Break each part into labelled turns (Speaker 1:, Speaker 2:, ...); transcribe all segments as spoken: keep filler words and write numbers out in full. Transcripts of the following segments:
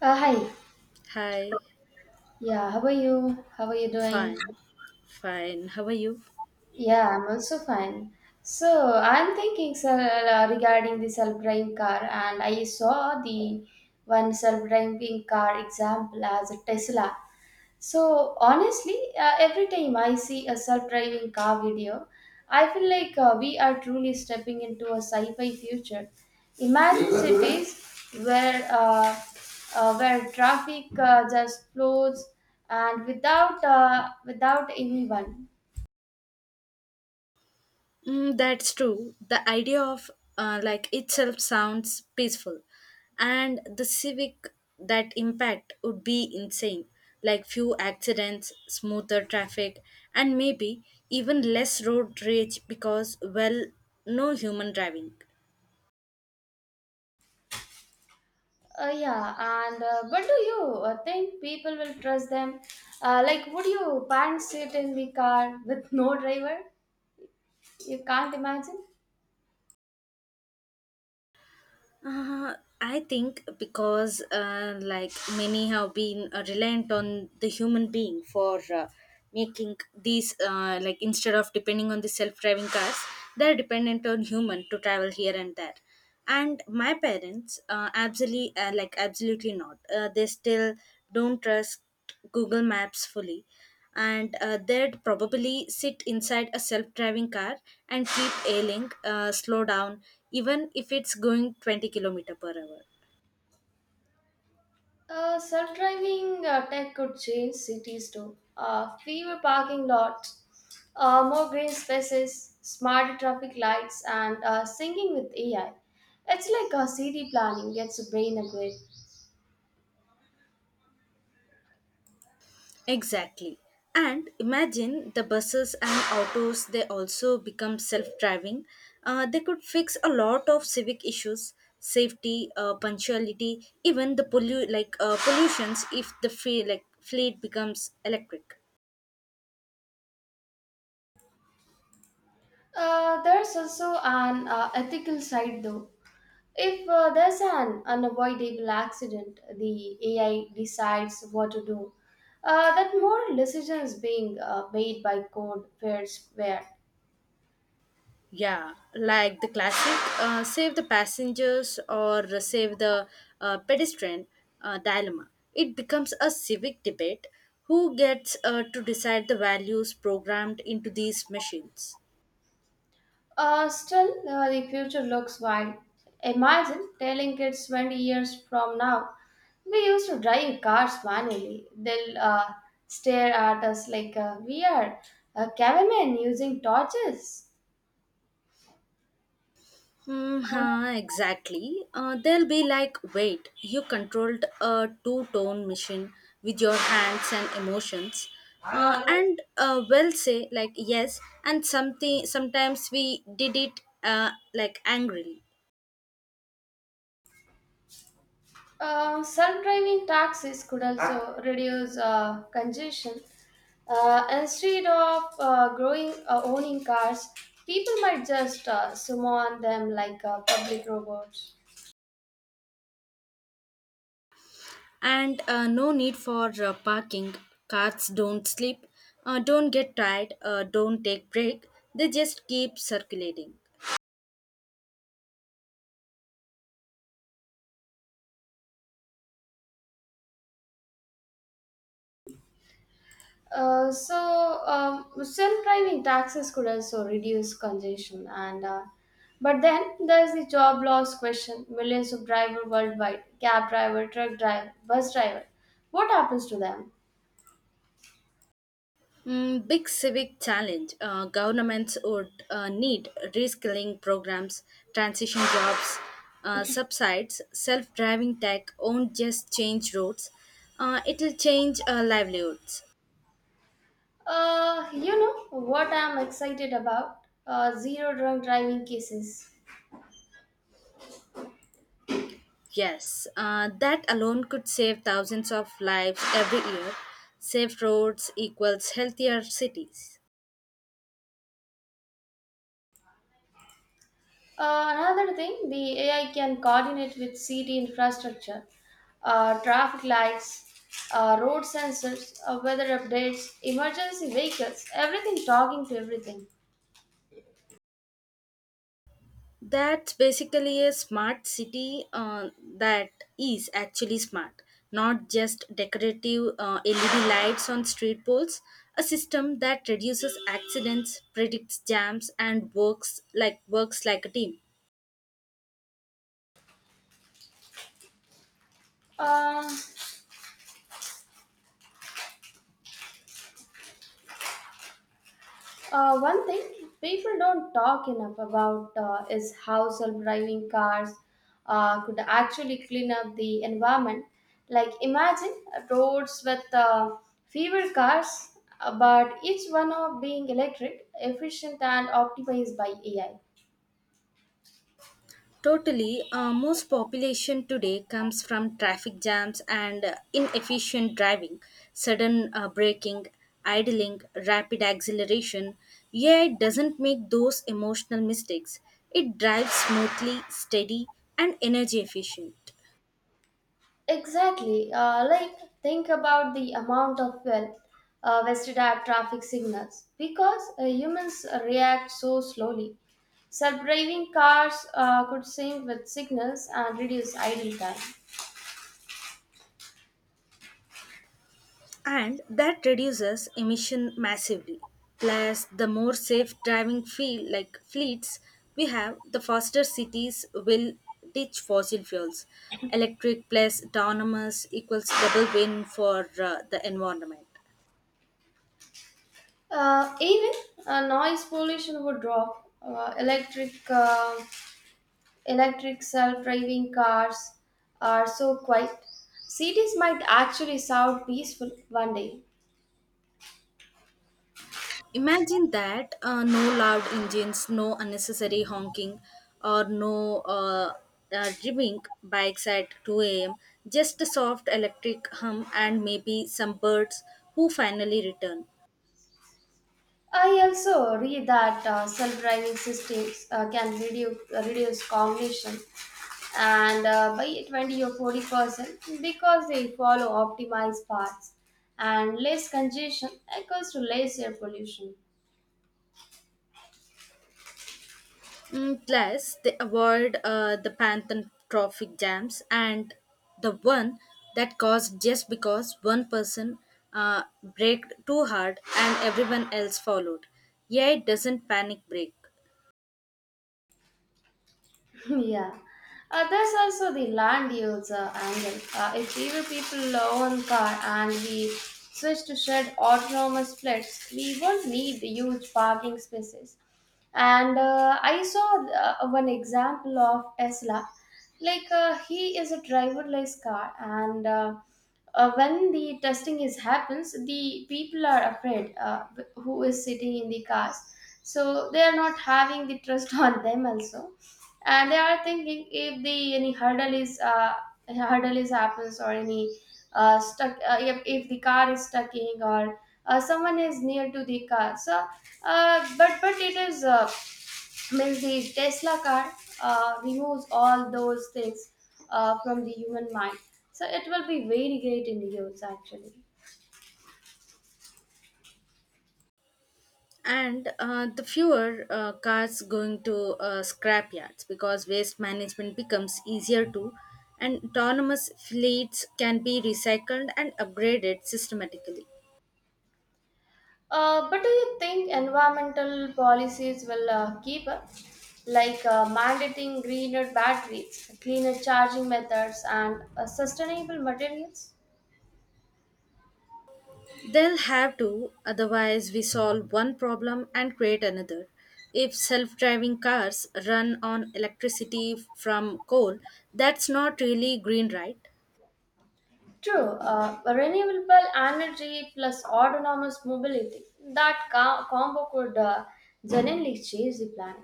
Speaker 1: Uh, hi.
Speaker 2: Hi,
Speaker 1: Yeah, how are you? How are you doing?
Speaker 2: fine, fine. How are you?
Speaker 1: Yeah, I'm also fine. So, I'm thinking sir, uh, regarding the self-driving car, and I saw the one self-driving car example as a Tesla. So honestly, uh, every time I see a self-driving car video, I feel like uh, we are truly stepping into a sci-fi future. Imagine cities where uh, uh, where traffic uh, just flows and without uh, without anyone.
Speaker 2: Mm, that's true. The idea of uh, like itself sounds peaceful, and the civic that impact would be insane. Like few accidents, smoother traffic, and maybe even less road rage because well, no human driving.
Speaker 1: Uh, yeah, and uh, but do you uh, think people will trust them? Uh, like, would your parents sit in the car with no driver? You can't imagine.
Speaker 2: Uh, I think because uh, like many have been uh, reliant on the human being for uh, making these uh, like instead of depending on the self-driving cars, they're dependent on human to travel here and there. And my parents, uh, absolutely uh, like absolutely not. Uh, they still don't trust Google Maps fully and uh, they'd probably sit inside a self-driving car and keep ailing uh, slow down even if it's going twenty kilometer per hour
Speaker 1: Uh, self-driving uh, tech could change cities too. Uh, fewer parking lots, uh, more green spaces, smarter traffic lights, and uh, syncing with A I. It's like a city planning gets a brain upgrade.
Speaker 2: exactly. And imagine the buses and autos, they also become self-driving. Uh, they could fix a lot of civic issues, safety, uh, punctuality, even the pollu- like uh, pollutions, if the free like fleet becomes electric.
Speaker 1: Uh, there's also an uh, ethical side though. If uh, there's an unavoidable accident, the A I decides what to do. Uh, that moral decision is being uh, made by code, where's where.
Speaker 2: Yeah, like the classic uh, save the passengers or save the uh, pedestrian uh, dilemma. It becomes a civic debate, who gets uh, to decide the values programmed into these machines.
Speaker 1: Uh, still, uh, the future looks wild. Imagine telling kids twenty years from now, we used to drive cars manually. They'll uh, stare at us like uh, we are uh, cavemen using torches.
Speaker 2: Mm-hmm, exactly. Uh, they'll be like, wait, you controlled a two tone machine with your hands and emotions. Uh, and uh, will say like yes and something sometimes we did it uh, like angrily.
Speaker 1: Uh, self-driving taxis could also reduce uh, congestion. Uh, instead of uh, growing uh, owning cars, people might just uh, summon them like uh, public robots.
Speaker 2: And uh, no need for uh, parking, cars don't sleep, uh, don't get tired, uh, don't take break, they just keep circulating.
Speaker 1: Uh, so um, self-driving taxis could also reduce congestion and uh, but then there's the job loss question, millions of drivers worldwide, cab driver, truck driver, bus driver, what happens to them?
Speaker 2: Mm, big civic challenge, uh, governments would uh, need reskilling programs, transition jobs, uh, subsides self-driving tech won't just change roads, uh, it'll change uh, livelihoods.
Speaker 1: Uh, you know what I'm excited about? Uh, zero drunk driving cases.
Speaker 2: Yes, uh, that alone could save thousands of lives every year. Safe roads equals healthier cities.
Speaker 1: Uh, another thing, the A I can coordinate with city infrastructure, uh, traffic lights, uh, road sensors, uh, weather updates, emergency vehicles, everything talking to everything.
Speaker 2: That's basically a smart city uh, that is actually smart, not just decorative uh, L E D lights on street poles. A system that reduces accidents, predicts jams, and works like works like a team.
Speaker 1: Uh, Uh, one thing people don't talk enough about uh, is how self-driving cars uh, could actually clean up the environment. Like imagine roads with uh, fewer cars, uh, but each one of being electric, efficient, and optimized by A I.
Speaker 2: Totally, uh, most population today comes from traffic jams and uh, inefficient driving, sudden uh, braking, idling, rapid acceleration. A I doesn't make those emotional mistakes. It drives smoothly, steady, and energy efficient.
Speaker 1: Exactly. Uh, like, think about the amount of well uh, wasted at traffic signals because uh, humans react so slowly. Self-driving cars uh, could sync with signals and reduce idle time.
Speaker 2: And that reduces emission massively. Plus, the more safe driving feel like fleets we have, the faster cities will ditch fossil fuels. Electric plus autonomous equals double win for uh, the environment.
Speaker 1: Uh, even uh, noise pollution would drop. Uh, electric uh, electric self-driving cars are so quiet. Cities might actually sound peaceful one day.
Speaker 2: Imagine that, uh, no loud engines, no unnecessary honking, or no uh, uh, ribbing bikes at two a m, just a soft electric hum and maybe some birds who finally return.
Speaker 1: I also read that uh, self-driving systems uh, can reduce uh, reduce cognition and uh, by twenty or forty percent because they follow optimized paths and less congestion equals to less air pollution.
Speaker 2: Mm, plus, they avoid uh, the Pantheon traffic jams and the one that caused just because one person uh, braked too hard and everyone else followed. Yeah, it doesn't panic brake.
Speaker 1: Yeah, uh, there's also the land use uh, angle. Uh, if fewer people own car and we switch to shared autonomous fleets, we won't need huge parking spaces. And uh, I saw uh, one example of Tesla. Like uh, he is a driverless car, and uh, uh, when the testing is happens, the people are afraid uh, who is sitting in the cars. So they are not having the trust on them also, and they are thinking if the any hurdle is uh, hurdle is happens or any uh, stuck uh, if, if the car is stucking or uh, someone is near to the car, so uh, but but it is uh, means the Tesla car uh, removes all those things uh, from the human mind, so it will be very great in the use actually.
Speaker 2: And uh, the fewer uh, cars going to uh, scrap yards because waste management becomes easier too. And autonomous fleets can be recycled and upgraded systematically.
Speaker 1: Uh, but do you think environmental policies will uh, keep up, like uh, mandating greener batteries, cleaner charging methods, and uh, sustainable materials?
Speaker 2: They'll have to, otherwise, we solve one problem and create another. If self driving cars run on electricity from coal, that's not really green, right?
Speaker 1: True, uh, renewable energy plus autonomous mobility, that co- combo could uh, genuinely change the planet.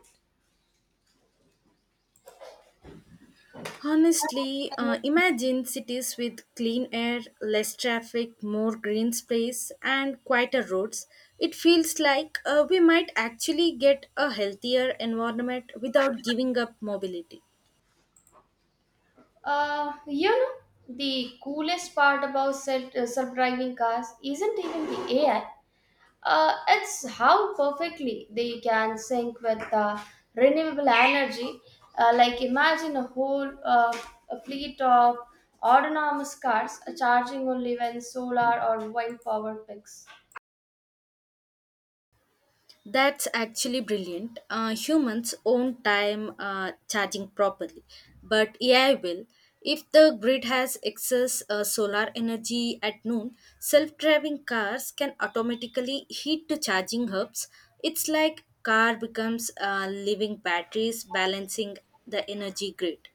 Speaker 2: Honestly, uh, imagine cities with clean air, less traffic, more green space, and quieter roads. It feels like uh, we might actually get a healthier environment without giving up mobility.
Speaker 1: Uh, you know, the coolest part about self uh, self driving cars isn't even the A I. Uh, it's how perfectly they can sync with uh, renewable energy. Uh, like imagine a whole uh, a fleet of autonomous cars uh, charging only when solar or wind power picks.
Speaker 2: That's actually brilliant. Uh, humans own time uh, charging properly, but A I will. If the grid has excess uh, solar energy at noon, self driving cars can automatically heat to charging hubs. It's like car becomes uh, living batteries balancing the energy grid.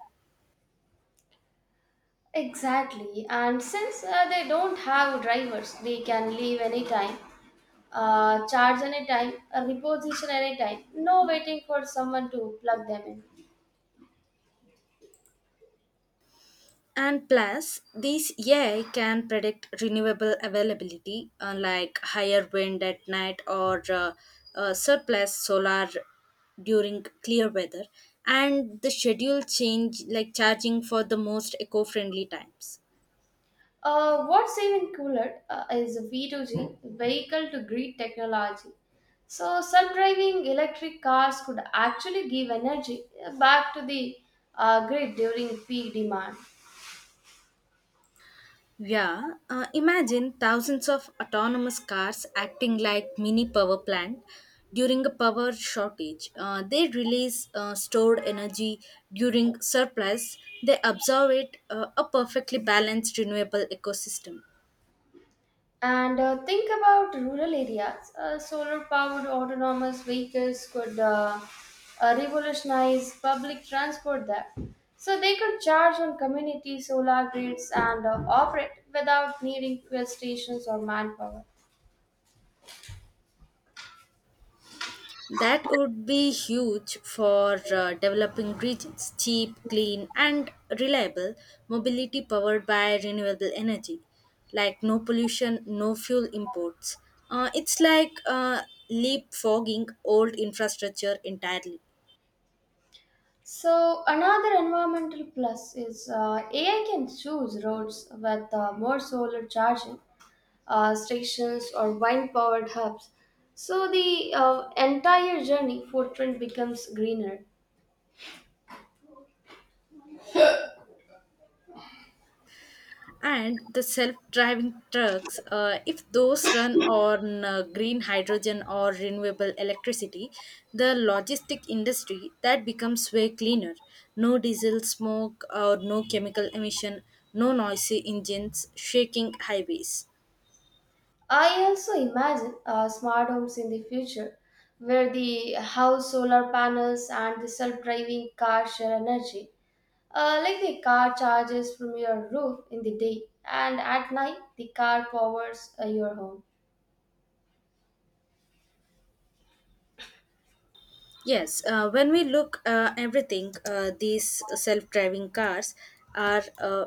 Speaker 1: Exactly, and since uh, they don't have drivers, they can leave anytime, uh, charge anytime, uh, reposition anytime. No waiting for someone to plug them in.
Speaker 2: And plus, these A I can predict renewable availability, uh, like higher wind at night or uh, uh, surplus solar during clear weather, and the schedule change, like charging for the most eco friendly times.
Speaker 1: Uh, what's even cooler uh, is V two G, vehicle to grid technology. So, self driving electric cars could actually give energy uh, back to the uh, grid during peak demand.
Speaker 2: Yeah, uh, imagine thousands of autonomous cars acting like mini power plant during a power shortage. Uh, they release uh, stored energy during surplus. They absorb it, uh, a perfectly balanced renewable ecosystem.
Speaker 1: And uh, think about rural areas. Uh, Solar powered autonomous vehicles could uh, uh, revolutionize public transport there. So, they could charge on community solar grids and uh, operate without needing fuel stations or manpower.
Speaker 2: That would be huge for uh, developing regions. Cheap, clean, and reliable mobility powered by renewable energy, like no pollution, no fuel imports. Uh, it's like uh, leapfrogging old infrastructure entirely.
Speaker 1: So another environmental plus is uh, A I can choose roads with uh, more solar charging uh, stations or wind-powered hubs. So the uh, entire journey footprint becomes greener.
Speaker 2: And the self-driving trucks, uh, if those run on uh, green hydrogen or renewable electricity, the logistic industry that becomes way cleaner. No diesel smoke or no chemical emission, no noisy engines shaking highways.
Speaker 1: I also imagine uh, smart homes in the future where the house solar panels and the self-driving car share energy. Uh, like the car charges from your roof in the day and at night the car powers uh, your home.
Speaker 2: Yes, uh, when we look uh, everything, uh, these self-driving cars are uh,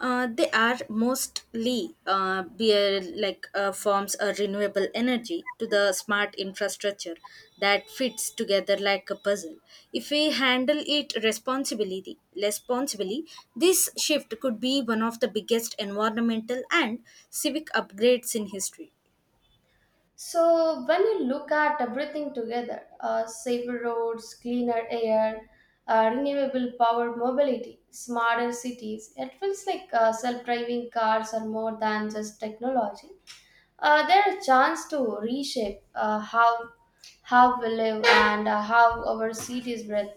Speaker 2: Uh, they are mostly uh, beer like uh, forms a renewable energy to the smart infrastructure that fits together like a puzzle. If we handle it responsibly, responsibly, this shift could be one of the biggest environmental and civic upgrades in history.
Speaker 1: So, when you look at everything together, uh, safer roads, cleaner air, uh, renewable power mobility, smarter cities, it feels like uh, self driving cars are more than just technology. Uh, they're a chance to reshape uh, how, how we live and uh, how our cities breathe.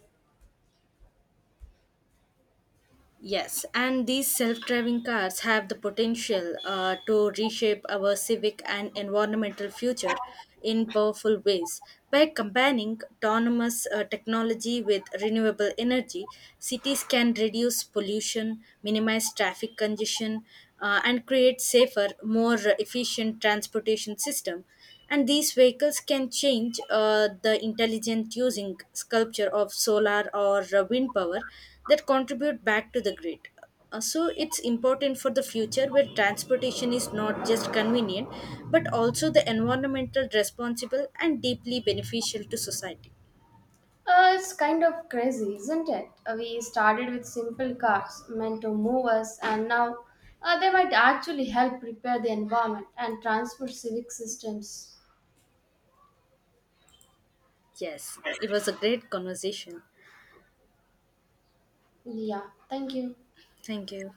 Speaker 2: Yes, and these self driving cars have the potential uh, to reshape our civic and environmental future in powerful ways. By combining autonomous uh, technology with renewable energy, cities can reduce pollution, minimize traffic congestion, uh, and create safer, more efficient transportation system. And these vehicles can change uh, the intelligent using sculpture of solar or uh, wind power that contribute back to the grid. Uh, so it's important for the future where transportation is not just convenient but also the environmental responsible and deeply beneficial to society.
Speaker 1: Uh, it's kind of crazy, isn't it? Uh, We started with simple cars meant to move us, and now uh, they might actually help repair the environment and transfer civic systems.
Speaker 2: Yes, it was a great conversation.
Speaker 1: Yeah, thank you.
Speaker 2: Thank you.